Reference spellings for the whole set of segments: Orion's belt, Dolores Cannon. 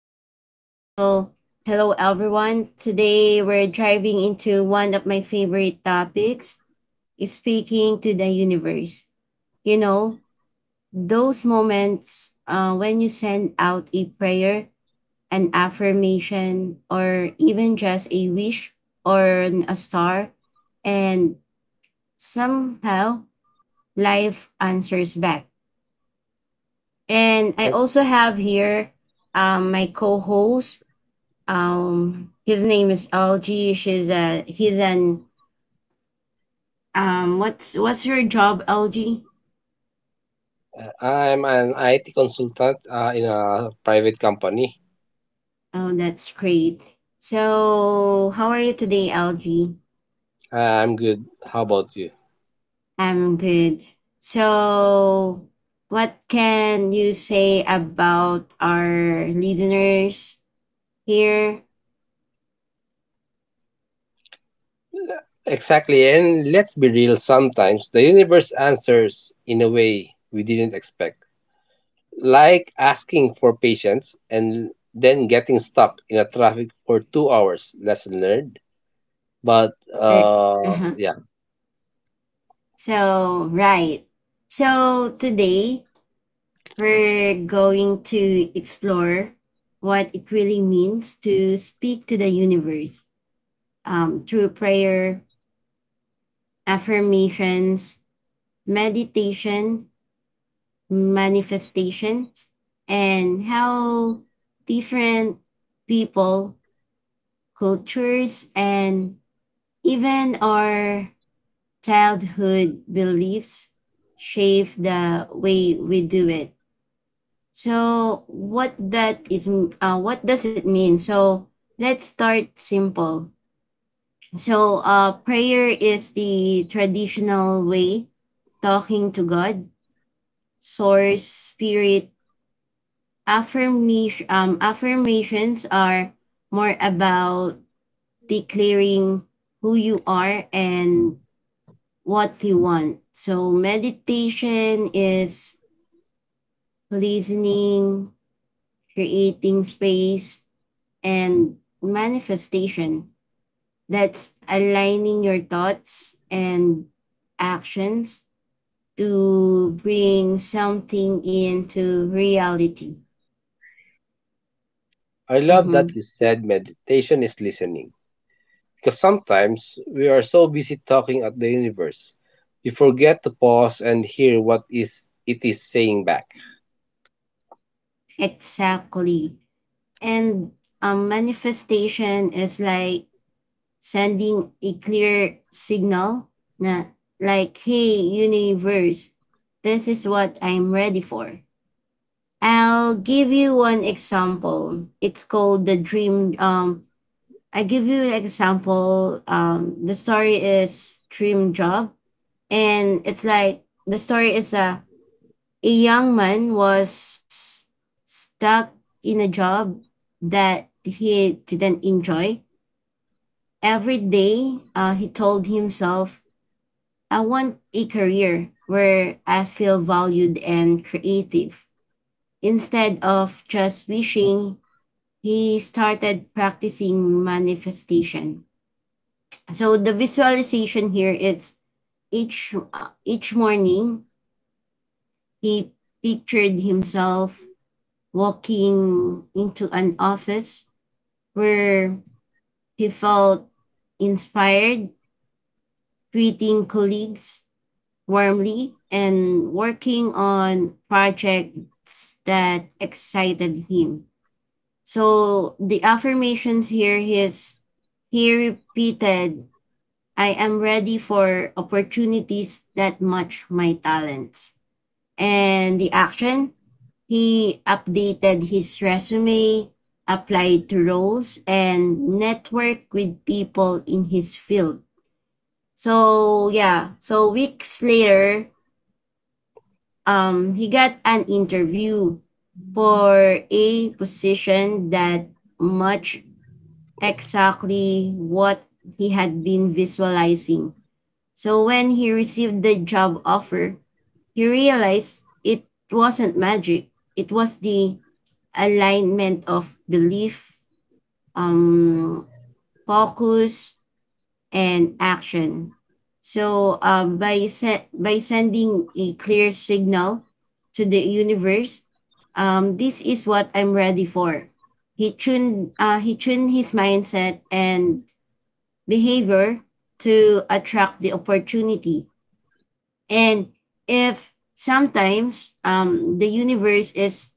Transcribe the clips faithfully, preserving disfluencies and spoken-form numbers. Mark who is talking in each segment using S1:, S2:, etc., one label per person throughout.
S1: Angela. So, hello everyone. Today we're driving into one of my favorite topics, is speaking to the universe. You know, those moments uh, when you send out a prayer, an affirmation, or even just a wish or an- a star, and somehow life answers back. And
S2: Uh,
S1: I also have here um, my co host. Um, his name is L G. She's a He's an um. What's what's your job, L G?
S2: I'm an I T consultant uh, in a private company.
S1: Oh, that's great. So, how are you today, L G?
S2: I'm good. How about you?
S1: I'm good. So, what can you say about our listeners here?
S2: Exactly. And let's be real, sometimes the universe answers in a way we didn't expect, like asking for patience and then getting stuck in a traffic for two hours. Lesson learned. But
S1: Er,
S2: uh,
S1: uh-huh.
S2: yeah,
S1: So, right. So, today we're going to explore what it really means to speak to the universe, um, through prayer, affirmations, meditation, manifestations, and how different people, cultures, and even our childhood beliefs shape the way we do it. So what that is uh, What does it mean? So let's start simple. So uh, prayer is the traditional way talking to God, source, spirit, affirmation um, affirmations are more about declaring who you are and what you want. So meditation is listening, creating space, and manifestation. That's aligning your thoughts and actions to bring something into reality.
S2: I love
S1: Mhm.
S2: that you said meditation is listening. Because sometimes we are so busy talking at the universe, we forget to pause and hear what is it is saying back.
S1: Exactly. And um, manifestation is like sending a clear signal na like, hey, universe, this is what I'm ready for. I'll give you one example. It's called the dream um I give you an example. Um, the story is Dream Job, and it's like the story is a a young man was stuck in a job that he didn't enjoy. Every day, uh, he told himself, "I want a career where I feel valued and creative." Instead of just wishing, he started practicing manifestation. So the visualization here is each uh, each morning he pictured himself walking into an office where he felt inspired, greeting colleagues warmly and working on projects that excited him. So the affirmations here is he repeated, I am ready for opportunities that match my talents. And the action, he updated his resume, applied to roles, and networked with people in his field. So yeah, so weeks later, um, he got an interview for a position that matched exactly what he had been visualizing. So when he received the job offer, he realized it wasn't magic. It was the alignment of belief, um, focus, and action. So uh, by se- by sending a clear signal to the universe, um, this is what I'm ready for. He tuned uh, he tuned his mindset and behavior to attract the opportunity. And if sometimes um, the universe is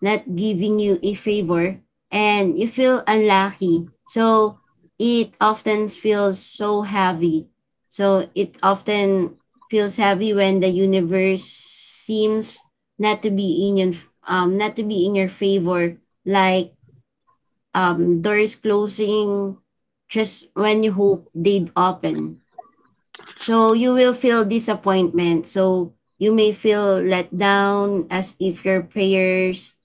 S1: not giving you a favor and you feel unlucky, so it often feels so heavy. So it often feels heavy when the universe seems not to be in your um not to be in your favor, like um doors closing just when you hope they'd open. So you will feel disappointment. So you may feel let down as if your prayers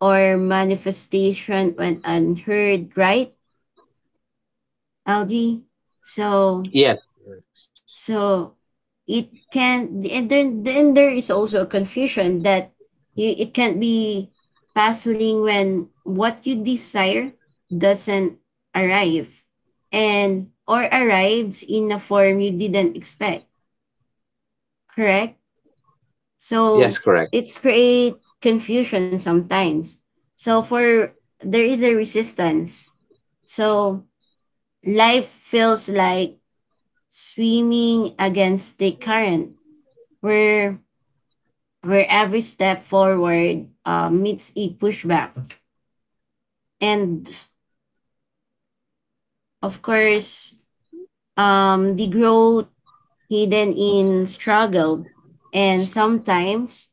S1: or manifestation went unheard, right, Algie? So
S2: Yes. Yes,
S1: so it can and then then there is also a confusion that you it can be puzzling when what you desire doesn't arrive and or arrives in a form you didn't expect, correct.
S2: yes,
S1: So
S2: correct.
S1: it's create confusion sometimes. So for there is a resistance. So life feels like swimming against the current where where every step forward uh, meets a pushback. And of course, um, the growth hidden in struggle and sometimes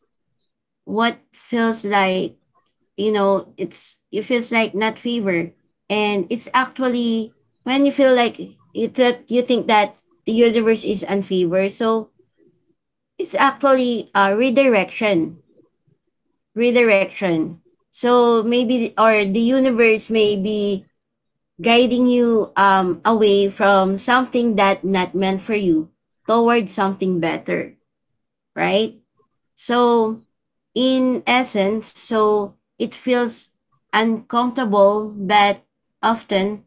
S1: what feels like you know it's it feels like not fever and it's actually when you feel like you that you think that the universe is unfever so it's actually a redirection redirection, so maybe or the universe may be guiding you um away from something that not meant for you towards something better, right? So, in essence, so it feels uncomfortable, but often,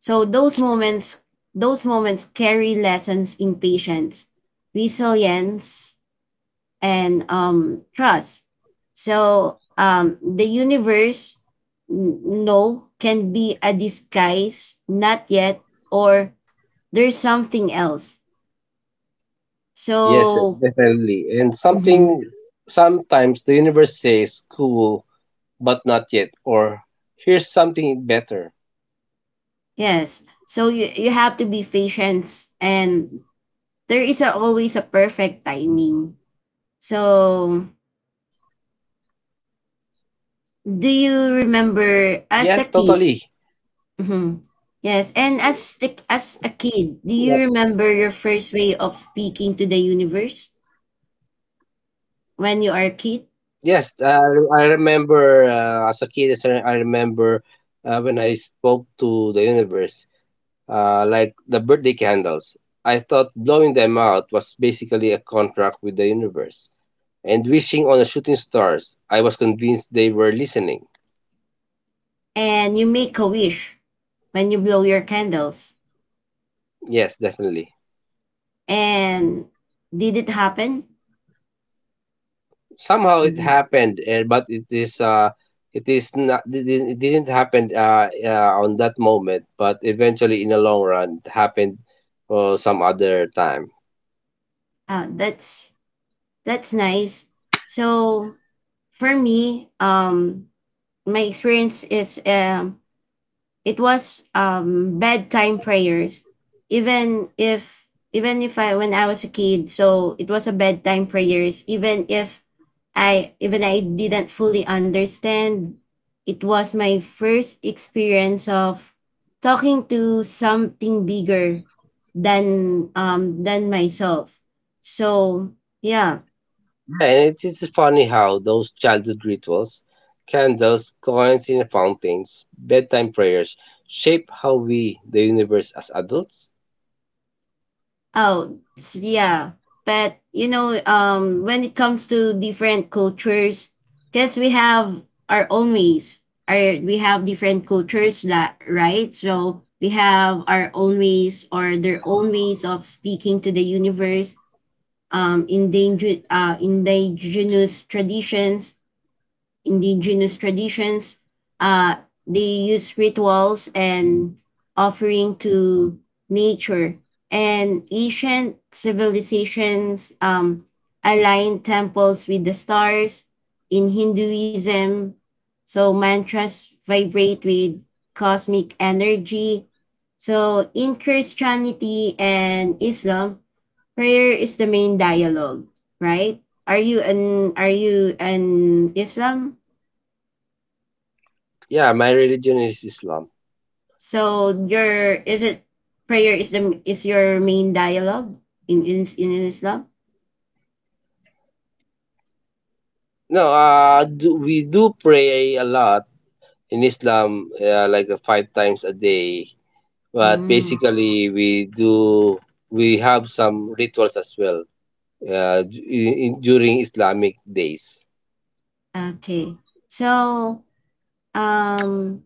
S1: so those moments, those moments carry lessons in patience, resilience, and um, trust. So, um, the universe, n- no, can be a disguise, not yet, or there's something else.
S2: Yes, eh,
S1: So,
S2: definitely. And
S1: mhm.
S2: something sometimes the universe says cool but not yet, or here's something better.
S1: Yes. So you you have to be patient and there is a, always a perfect timing. So
S2: Yes,
S1: do
S2: totally.
S1: you remember as a kid? Mhm. Yes, and
S2: Yeah.
S1: as the, as a kid, do you remember your first way of speaking to the universe when you are
S2: Yes, uh,
S1: a kid
S2: I remember uh, as a kid, as I I remember uh, when I spoke to the universe, uh, like the birthday candles. I thought blowing them out was basically a contract with the universe. And wishing on the shooting stars, I was convinced they were listening.
S1: and you make a wish when you blow your candles
S2: Yes, definitely.
S1: and did it happen?
S2: Somehow it
S1: Mm.
S2: happened uh, but it is uh it is not it didn't it didn't happen uh, uh on that moment, but eventually in the long run it happened uh, some other time.
S1: Ah, that's That's nice. So for me, um, my experience is um, it was um bedtime prayers, even if even if I when I was a kid, so it was a bedtime prayers. Even if I even I didn't fully understand, it was my first experience of talking to something bigger than um than myself. So yeah.
S2: And it is funny how those childhood rituals, candles, coins in fountains, bedtime prayers shape how we the universe as adults.
S1: Oh, s- yeah. But you know, um, when it comes to different cultures, because we have our own ways. Our, we have different cultures that, right. So we have our own ways or their own ways of speaking to the universe. Um, endangered, uh, indigenous traditions Indigenous traditions. Uh, they use rituals and offering to nature. And ancient civilizations um, align temples with the stars. In Hinduism, so mantras vibrate with cosmic energy. So in Christianity and Islam, prayer is the main dialogue, right? Are you an are you an Islam?
S2: Yeah, my religion is Islam.
S1: So your is it prayer is the is your main dialogue in in, in Islam?
S2: No, uh do, we do pray a lot in Islam, uh, like uh, five times a day, but
S1: Mm,
S2: basically we do, we have some rituals as well, uh, d- in, during Islamic days.
S1: okay. So um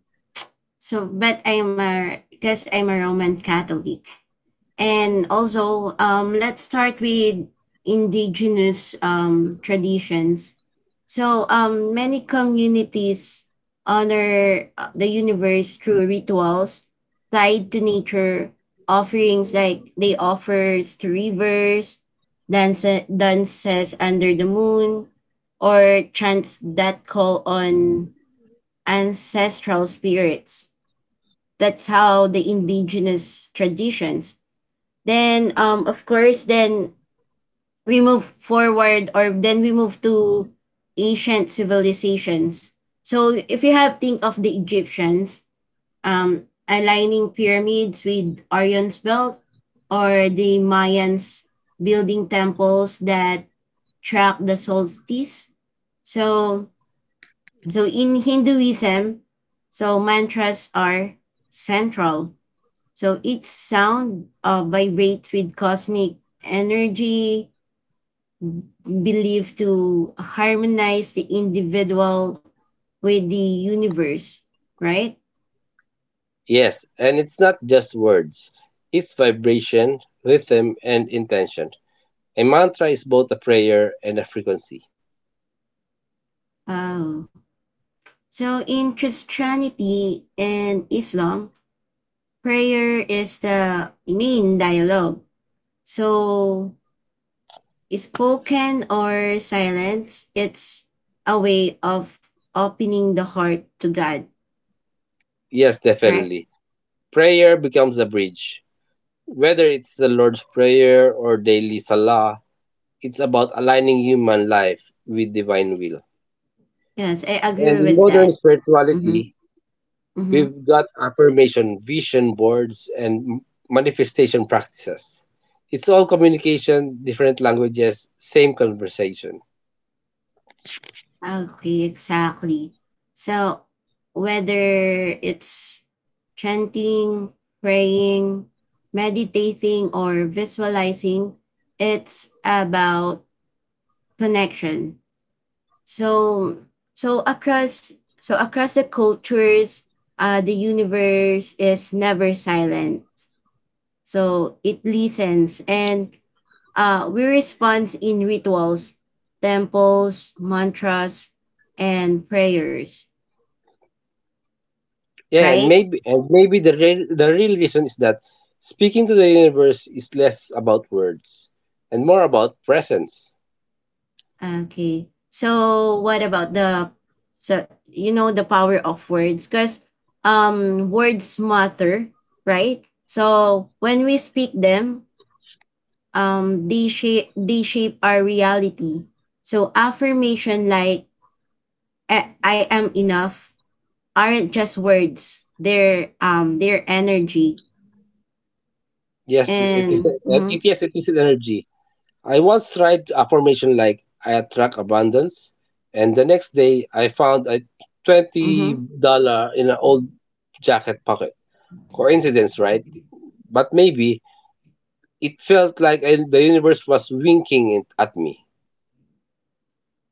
S1: so but I'm a because I'm a Roman Catholic. And also, um, let's start with indigenous um, traditions. So, um, many communities honor uh, the universe through rituals tied to nature, offerings like they offers to rivers, dance, dances under the moon, or chants that call on ancestral spirits. That's how the indigenous traditions then um of course then we move forward or then we move to ancient civilizations. So if you have think of the Egyptians, um aligning pyramids with Orion's belt or the Mayans building temples that track the solstice. So so in Hinduism, so mantras are central, so each sound uh, vibrates with cosmic energy believed to harmonize the individual with the universe, right?
S2: Yes, and it's not just words, it's vibration, rhythm and intention. A mantra is both a prayer and a frequency.
S1: Oh. So in Christianity and Islam, prayer is the main dialogue. So spoken or silence, it's a way of opening the heart to God,
S2: Yes,
S1: correct?
S2: definitely. Prayer becomes a bridge, whether it's the Lord's prayer or daily salah. It's about aligning human life with divine will.
S1: Yes, I
S2: And
S1: agree
S2: in
S1: with
S2: modern
S1: that. Mhm.
S2: spirituality,
S1: Mhm.
S2: we've got affirmation, vision boards, and m- manifestation practices. It's all communication, different languages, same conversation.
S1: Okay, exactly. So, whether it's chanting, praying, meditating, or visualizing, it's about connection. So, so across so across the cultures, uh, the universe is never silent. So it listens, and uh, we respond in rituals, temples, mantras, and prayers,
S2: Yeah, and
S1: right?
S2: maybe and maybe the real, the real reason is that speaking to the universe is less about words and more about presence.
S1: Okay. So what about the so you know the power of words, because um words matter, right? So when we speak them, um they shape they shape our reality. So affirmation like I, I am enough aren't just words. They're um they're energy
S2: Yes, it is.
S1: and
S2: Uh, It
S1: mhm.
S2: yes, it is an energy. I once tried affirmation like I attract abundance, and the next day I found a twenty
S1: Mm-hmm.
S2: dollar in an old jacket pocket. Coincidence, right? But maybe it felt like I, the universe was winking it at me.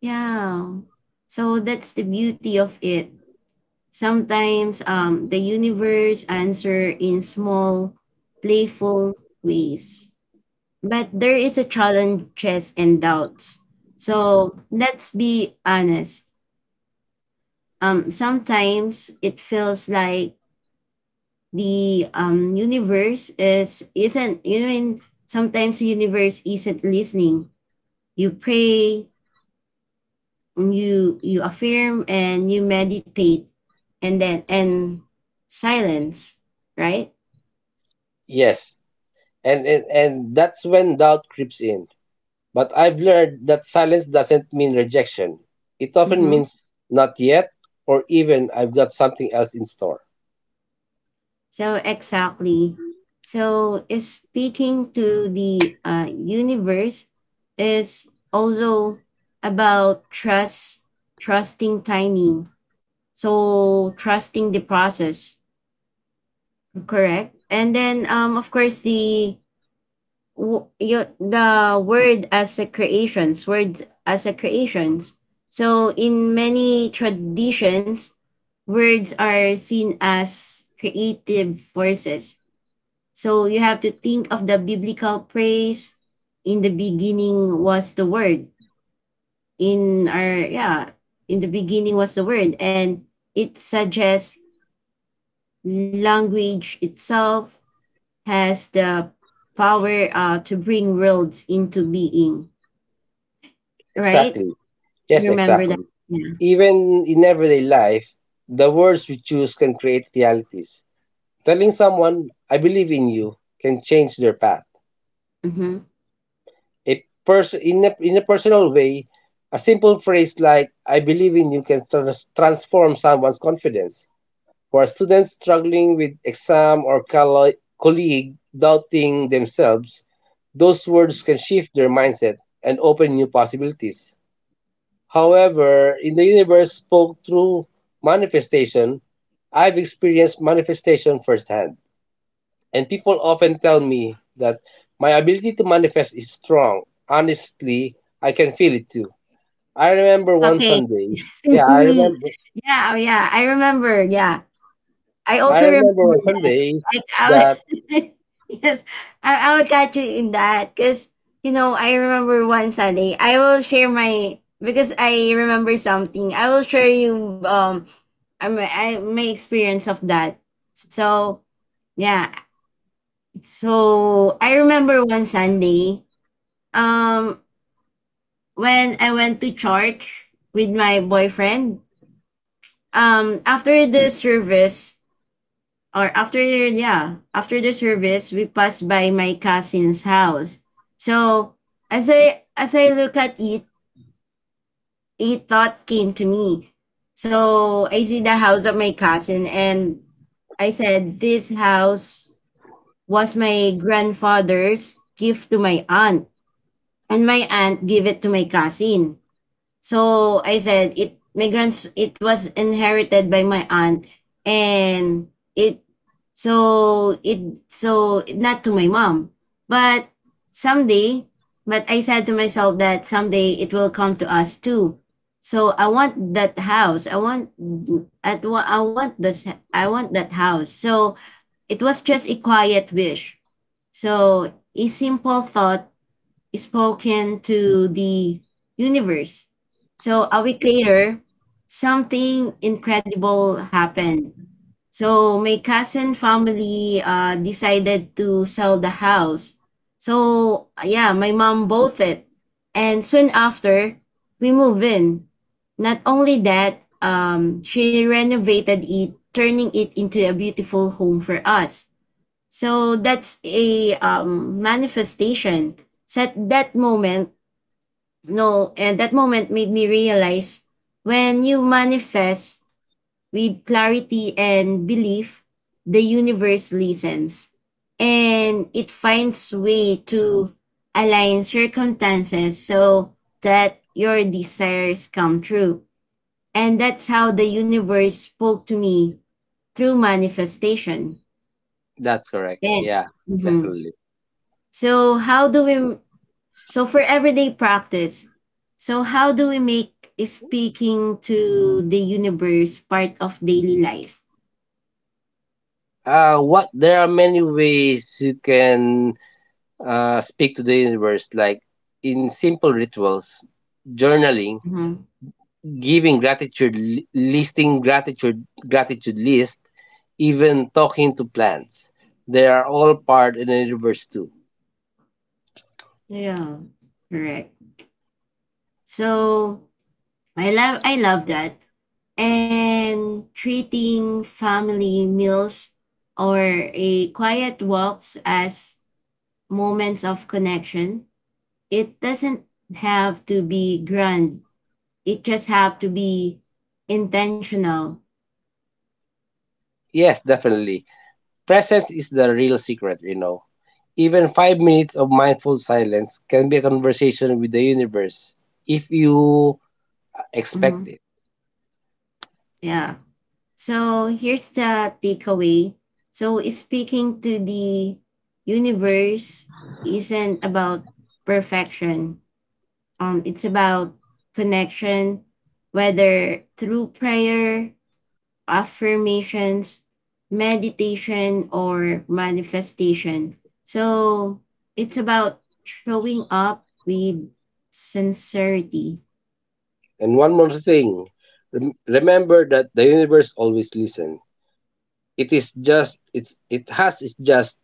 S1: Yeah. So that's the beauty of it. Sometimes um, the universe answer in small, playful ways. But there is a challenges and doubts. So let's be honest. Um, sometimes it feels like the um, universe is isn't you know, I sometimes the universe isn't listening. You pray, you you affirm and you meditate and then and silence, right.
S2: Yes, and, and and that's when doubt creeps in. But I've learned that silence doesn't mean rejection. It often
S1: Mm-hmm.
S2: means not yet, or even I've got something else in store.
S1: So exactly, so is speaking to the uh, universe is also about trust, trusting timing, so trusting the process, correct. And then um of course the w- you, the word as a creations, words as a creations, so in many traditions words are seen as creative forces, so you have to think of the biblical praise, in the beginning was the word, in our yeah, in the beginning was the word, and it suggests language itself has the power uh, to bring worlds into being. Right?
S2: Exactly. Yes,
S1: Remember that?
S2: exactly.
S1: Yeah.
S2: Even in everyday life, the words we choose can create realities. Telling someone I believe in you can change their path.
S1: Mhm.
S2: A pers- in, a, In a personal way, a simple phrase like, I believe in you can trans- transform someone's confidence. For a student struggling with exam or collo- colleague doubting themselves, those words can shift their mindset and open new possibilities. However, in the universe spoke through manifestation, I've experienced manifestation firsthand. And people often tell me that my ability to manifest is strong. Honestly, I can feel it too. I remember one
S1: Okay.
S2: Sunday. Yeah, I remember.
S1: Yeah, oh, yeah, I remember, yeah. I
S2: I
S1: also
S2: remember
S1: remember
S2: one
S1: that.
S2: Sunday
S1: Like, I would
S2: that.
S1: Yes, I I would catch you in that. Cause you know, I remember one Sunday, I will share my because I remember something. I will share you um I my I my experience of that. So, yeah. So, I remember one Sunday, um when I went to church with my boyfriend, um, after the service or after yeah, after the service, we passed by my cousin's house. So as I as I look at it, a thought came to me. So I see the house of my cousin, and I said, "This house was my grandfather's gift to my aunt, and my aunt gave it to my cousin." So I said it migrants it was inherited by my aunt and it so it so not to my mom. But someday but I said to myself that someday it will come to us too. So I want that house. I want at I want this I want that house. So it was just a quiet wish. So a simple thought spoken to the universe. So a week later, something incredible happened. So my cousin family uh, decided to sell the house. So yeah, my mom bought it, and soon after we moved in. Not only that, um, she renovated it, turning it into a beautiful home for us. So that's a um, manifestation. So at that moment, no, and that moment made me realize when you manifest with clarity and belief, the universe listens and it finds way to align circumstances so that your desires come true. And that's how the universe spoke to me through manifestation.
S2: That's correct.
S1: And
S2: Yeah,
S1: mhm.
S2: definitely.
S1: So how do we so for everyday practice, so how do we make speaking to the universe part of daily life?
S2: Uh, what there are many ways you can uh, speak to the universe, like in simple rituals, journaling,
S1: Mhm.
S2: giving gratitude, li- listing gratitude, gratitude list, even talking to plants. They are all part in the universe too.
S1: Yeah. Correct. So I love I love that. And treating family meals or a quiet walks as moments of connection. It doesn't have to be grand. It just have to be intentional.
S2: Yes, definitely. Presence is the real secret, you know. Even five minutes of mindful silence can be a conversation with the universe if you expect
S1: Mm-hmm.
S2: it.
S1: Yeah. So here's the takeaway. So speaking to the universe isn't about perfection. Um, it's about connection, whether through prayer, affirmations, meditation, or manifestation. So it's about showing up with sincerity.
S2: And one more thing, rem- remember that the universe always listens. It is just it's it has its just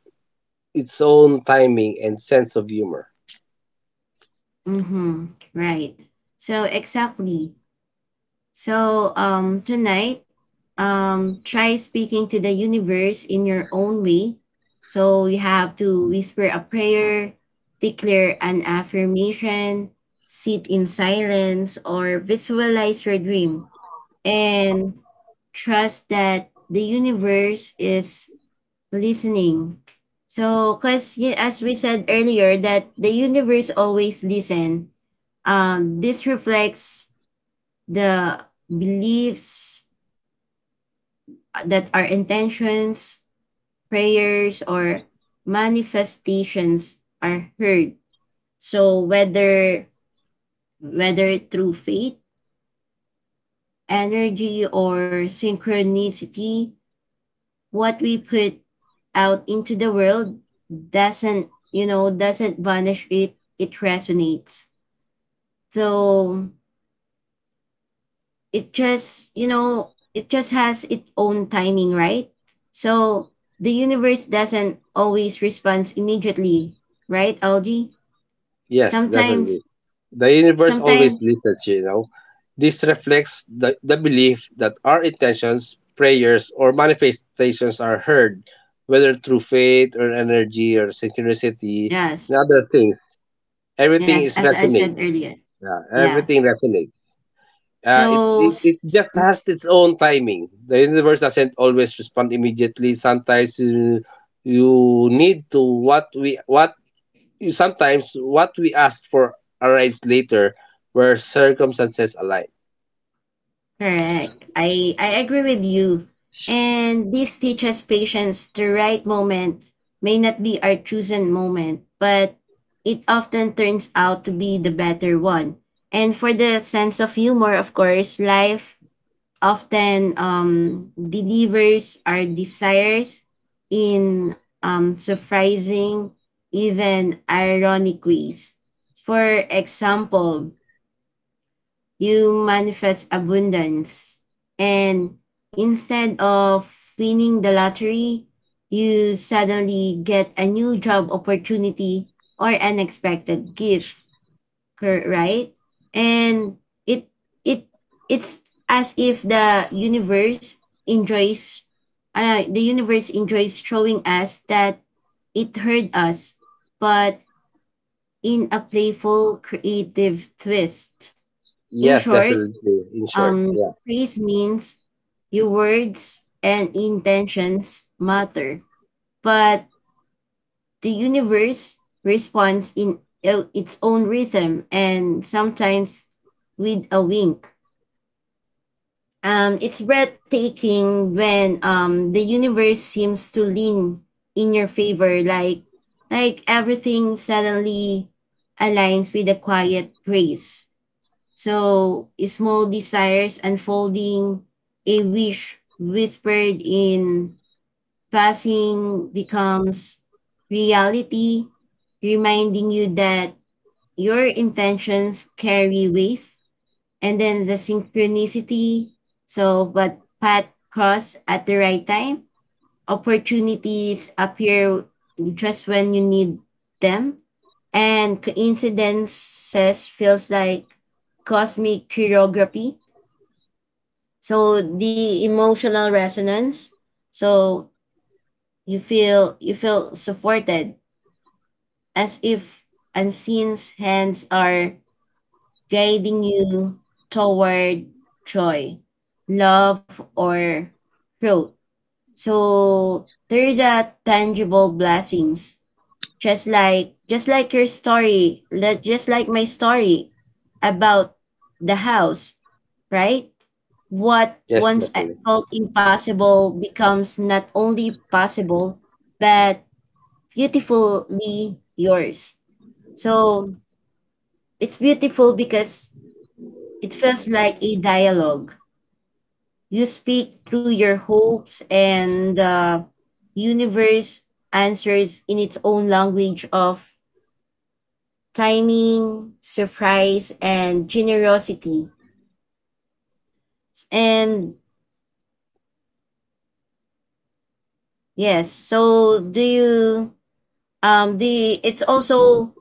S2: its own timing and sense of humor.
S1: Mm-hmm. Right. So exactly. So um, tonight, um, try speaking to the universe in your own way. So you have to whisper a prayer, declare an affirmation, sit in silence, or visualize your dream. And trust that the universe is listening. So, because as we said earlier, that the universe always listen, um, this reflects the beliefs that our intentions, prayers, or manifestations are heard. So whether whether through faith, energy, or synchronicity, what we put out into the world doesn't you know doesn't vanish, it it resonates. So it just you know it just has its own timing, right? So the universe doesn't always respond immediately, right, Algie?
S2: Yes, definitely.
S1: Sometimes,
S2: The universe always
S1: sometimes,
S2: listens, you know. This reflects the, the belief that our intentions, prayers, or manifestations are heard, whether through faith or energy or synchronicity
S1: yes.
S2: and other things. Everything
S1: Yes,
S2: is
S1: as I said
S2: resonate.
S1: earlier.
S2: Yeah,
S1: Yeah.
S2: everything resonates. Uh, it,
S1: so
S2: it,
S1: s-
S2: it just has its own timing. The universe doesn't always respond immediately. Sometimes you, you need to what we what Sometimes what we ask for arrives later where circumstances align.
S1: Correct. I I agree with you. And this teaches patience, the right moment may not be our chosen moment, but it often turns out to be the better one. And for the sense of humor, of course, life often um, delivers our desires in um, surprising, even ironic ways. For example, you manifest abundance. And instead of winning the lottery, you suddenly get a new job opportunity or unexpected gift, cor- right? And it it it's as if the universe enjoys, uh, the universe enjoys showing us that it heard us, but in a playful, creative twist. In
S2: Yes,
S1: short,
S2: definitely. In short,
S1: um,
S2: yeah,
S1: praise means your words and intentions matter, but the universe responds in i- its own rhythm and sometimes with a wink. Um, it's breathtaking when um the universe seems to lean in your favor, like like everything suddenly aligns with a quiet grace. So, small desires unfolding, a wish whispered in passing becomes reality, reminding you that your intentions carry weight. And then the synchronicity, so but path cross at the right time. Opportunities appear just when you need them, and coincidences feels like cosmic choreography. So the emotional resonance. So you feel you feel supported as if unseen hands are guiding you toward joy, love, or growth. So there is a tangible blessings, just like just like your story li- just like my story about the house, right? What
S2: yes,
S1: once I
S2: definitely.
S1: felt impossible becomes not only possible but beautifully yours. So it's beautiful because it feels like a dialogue, you speak through your hopes and the universe answers in its own language of timing, surprise, and generosity. And yes, so do you um do it's also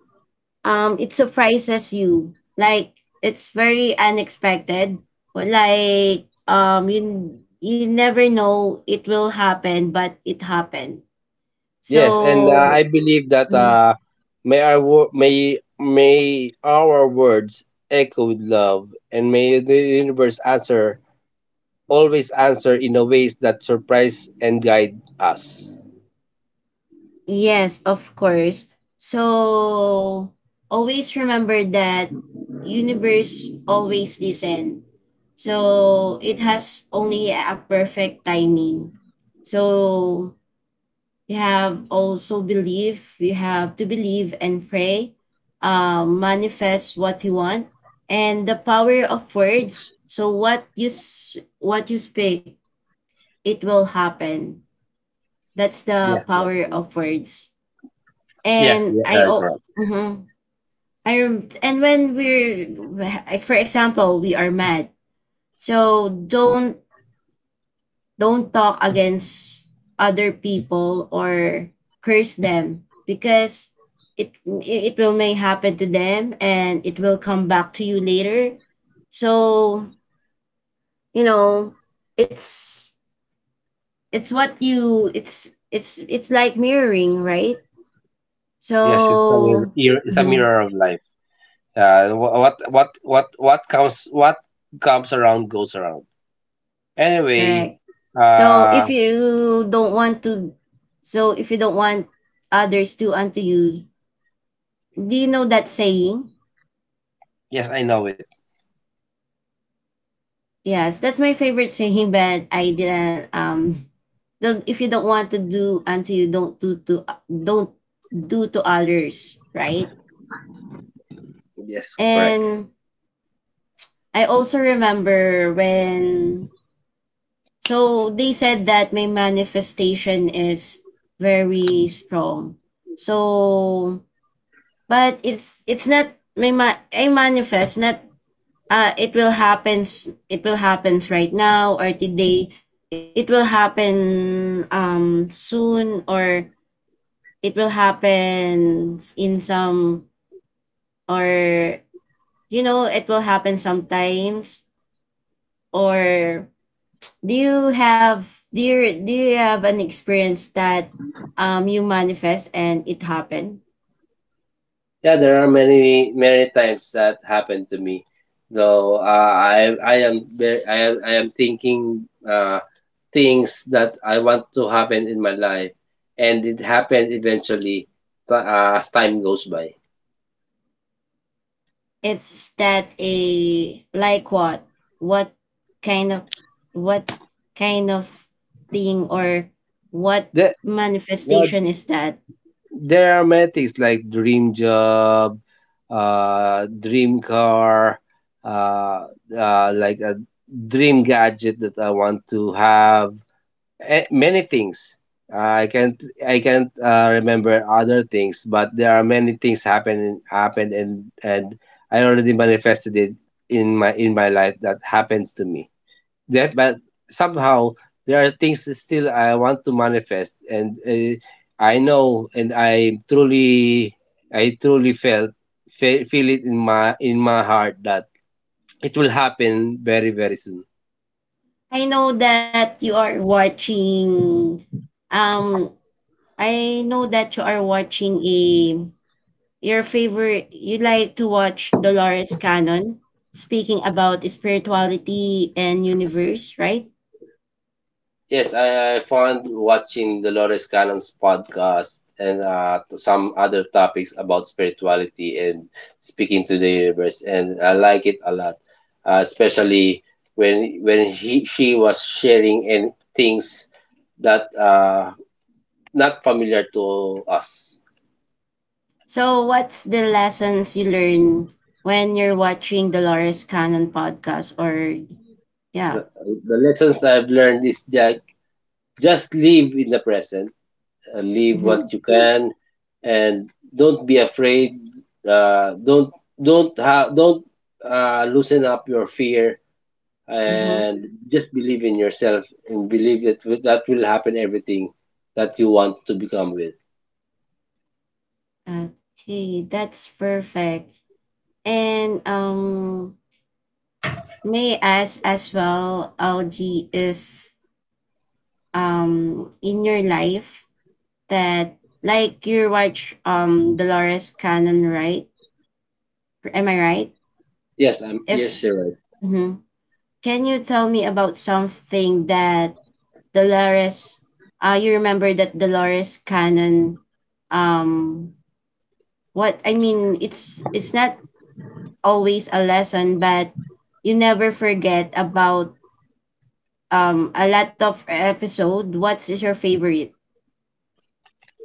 S1: um it surprises you. Like it's very unexpected. But like um you you never know it will happen, but it happened.
S2: Yes, and uh, I
S1: So
S2: believe that
S1: mm.
S2: uh, may our wo- may may our words echo with love, and may the universe answer always answer in a ways that surprise and guide us.
S1: Yes, of course. So always remember that universe always listen. So it has only a perfect timing. So you have also believe, you have to believe and pray, um, manifest what you want and the power of words. So what you s- what you speak, it will happen. That's the
S2: Yes,
S1: power
S2: definitely.
S1: of words.
S2: Yes,
S1: And
S2: yeah,
S1: I
S2: right,
S1: oh,
S2: correct.
S1: mhm. I rem- and when we're, like, for example, we are mad. So don't don't talk against other people or curse them because it it will may happen to them and it will come back to you later. So you know, it's it's what you it's it's it's like mirroring, right?
S2: Yes, it's a mirror.
S1: So.
S2: It's a
S1: Mhm.
S2: mirror of life. Uh, wh- what what what what comes what comes around goes around. Anyway,
S1: Correct. So
S2: uh,
S1: if you don't want to, so if you don't want others to unto you, do you know that saying?
S2: yes, I know it.
S1: Yes, that's my favorite saying, but I didn't. Um, don't, if you don't want to do unto you, don't do to don't do to others, right?
S2: Yes, correct.
S1: And I also remember when, so they said that my manifestation is very strong. So but it's it's not, may ma- I manifest, not, uh it will happen, it will happens right now or today, it will happen um soon, or it will happen in some, or you know, it will happen sometimes, or do you have do you, do you have an experience that um you manifest and it happened?
S2: Yeah, there are many many times that happened to me. Though uh, I I am ve- I am I am thinking uh, things that I want to happen in my life, and it happened eventually t- uh, as time goes by.
S1: Is that a, like what? What kind of, what kind of thing, or what
S2: The, yeah,
S1: manifestation is that?
S2: There are many things like dream job, uh, dream car, uh, uh, like a dream gadget that I want to have. Eh, Many things. I can't I can't uh, remember other things, but there are many things happened happened and and I already manifested it in my in my life that happens to me that, but somehow there are things that still I want to manifest, and uh, I know and I truly i truly felt fe- feel it in my in my heart that it will happen very very soon.
S1: I know that you are watching um I know that you are watching, a, your favorite, you like to watch Dolores Cannon speaking about spirituality and universe, right?
S2: Yes, I I found watching Dolores Cannon's podcast and uh, to some other topics about spirituality and speaking to the universe, and I like it a lot, uh, especially when when he she was sharing and things that uh not familiar to us.
S1: So, what's the lessons you learn when you're watching Dolores Cannon podcast? Or yeah,
S2: The, the lessons I've learned is that just live in the present. Uh, leave what
S1: mm-hmm,
S2: you can, and don't be afraid, uh, don't don't ha- don't uh, loosen up your fear
S1: mm-hmm.
S2: and just believe in yourself and believe that wi- that will happen everything that you want to become with.
S1: Okay, that's perfect. And um, may I ask as well, Algie, if um in your life that, like you watch um Dolores Cannon, right? Am I right?
S2: Yes I'm yes
S1: If
S2: you're right.
S1: mm-hmm. Can you tell me about something that Dolores, uh you remember that Dolores Cannon, um what I mean, it's it's not always a lesson but you never forget about, um a lot of episode, what is your favorite?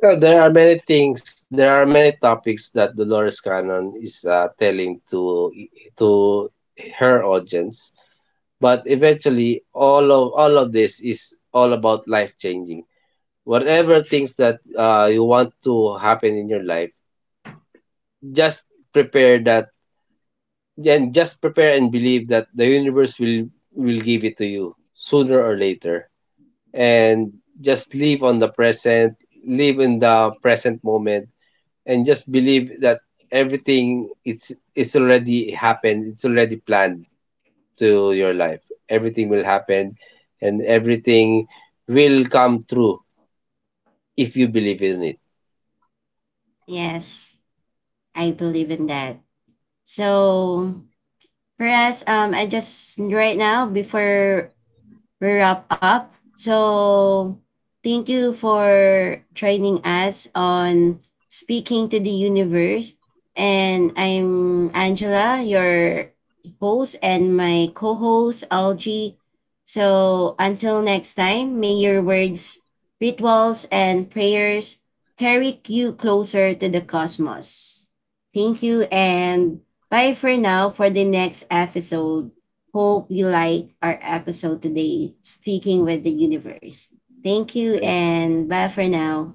S2: Uh, there are many things there are many topics that Dolores Cannon is uh, telling to to her audience, but eventually all of all of this is all about life changing. Whatever things that uh, you want to happen in your life, just prepare that, and just prepare and believe that the universe will will give it to you sooner or later, and just live on the present, live in the present moment, and just believe that everything, it's it's already happened, it's already planned to your life. Everything will happen, and everything will come true if you believe in it.
S1: Yes, I believe in that. So for us, um I just right now, before we wrap up. So thank you for joining us on Speaking to the Universe. And I'm Angela, your host, and my co host, Algie. So until next time, may your words, rituals, and prayers carry you closer to the cosmos. Thank you, and bye for now for the next episode. Hope you like our episode today, Speaking with the Universe. Thank you and bye for now.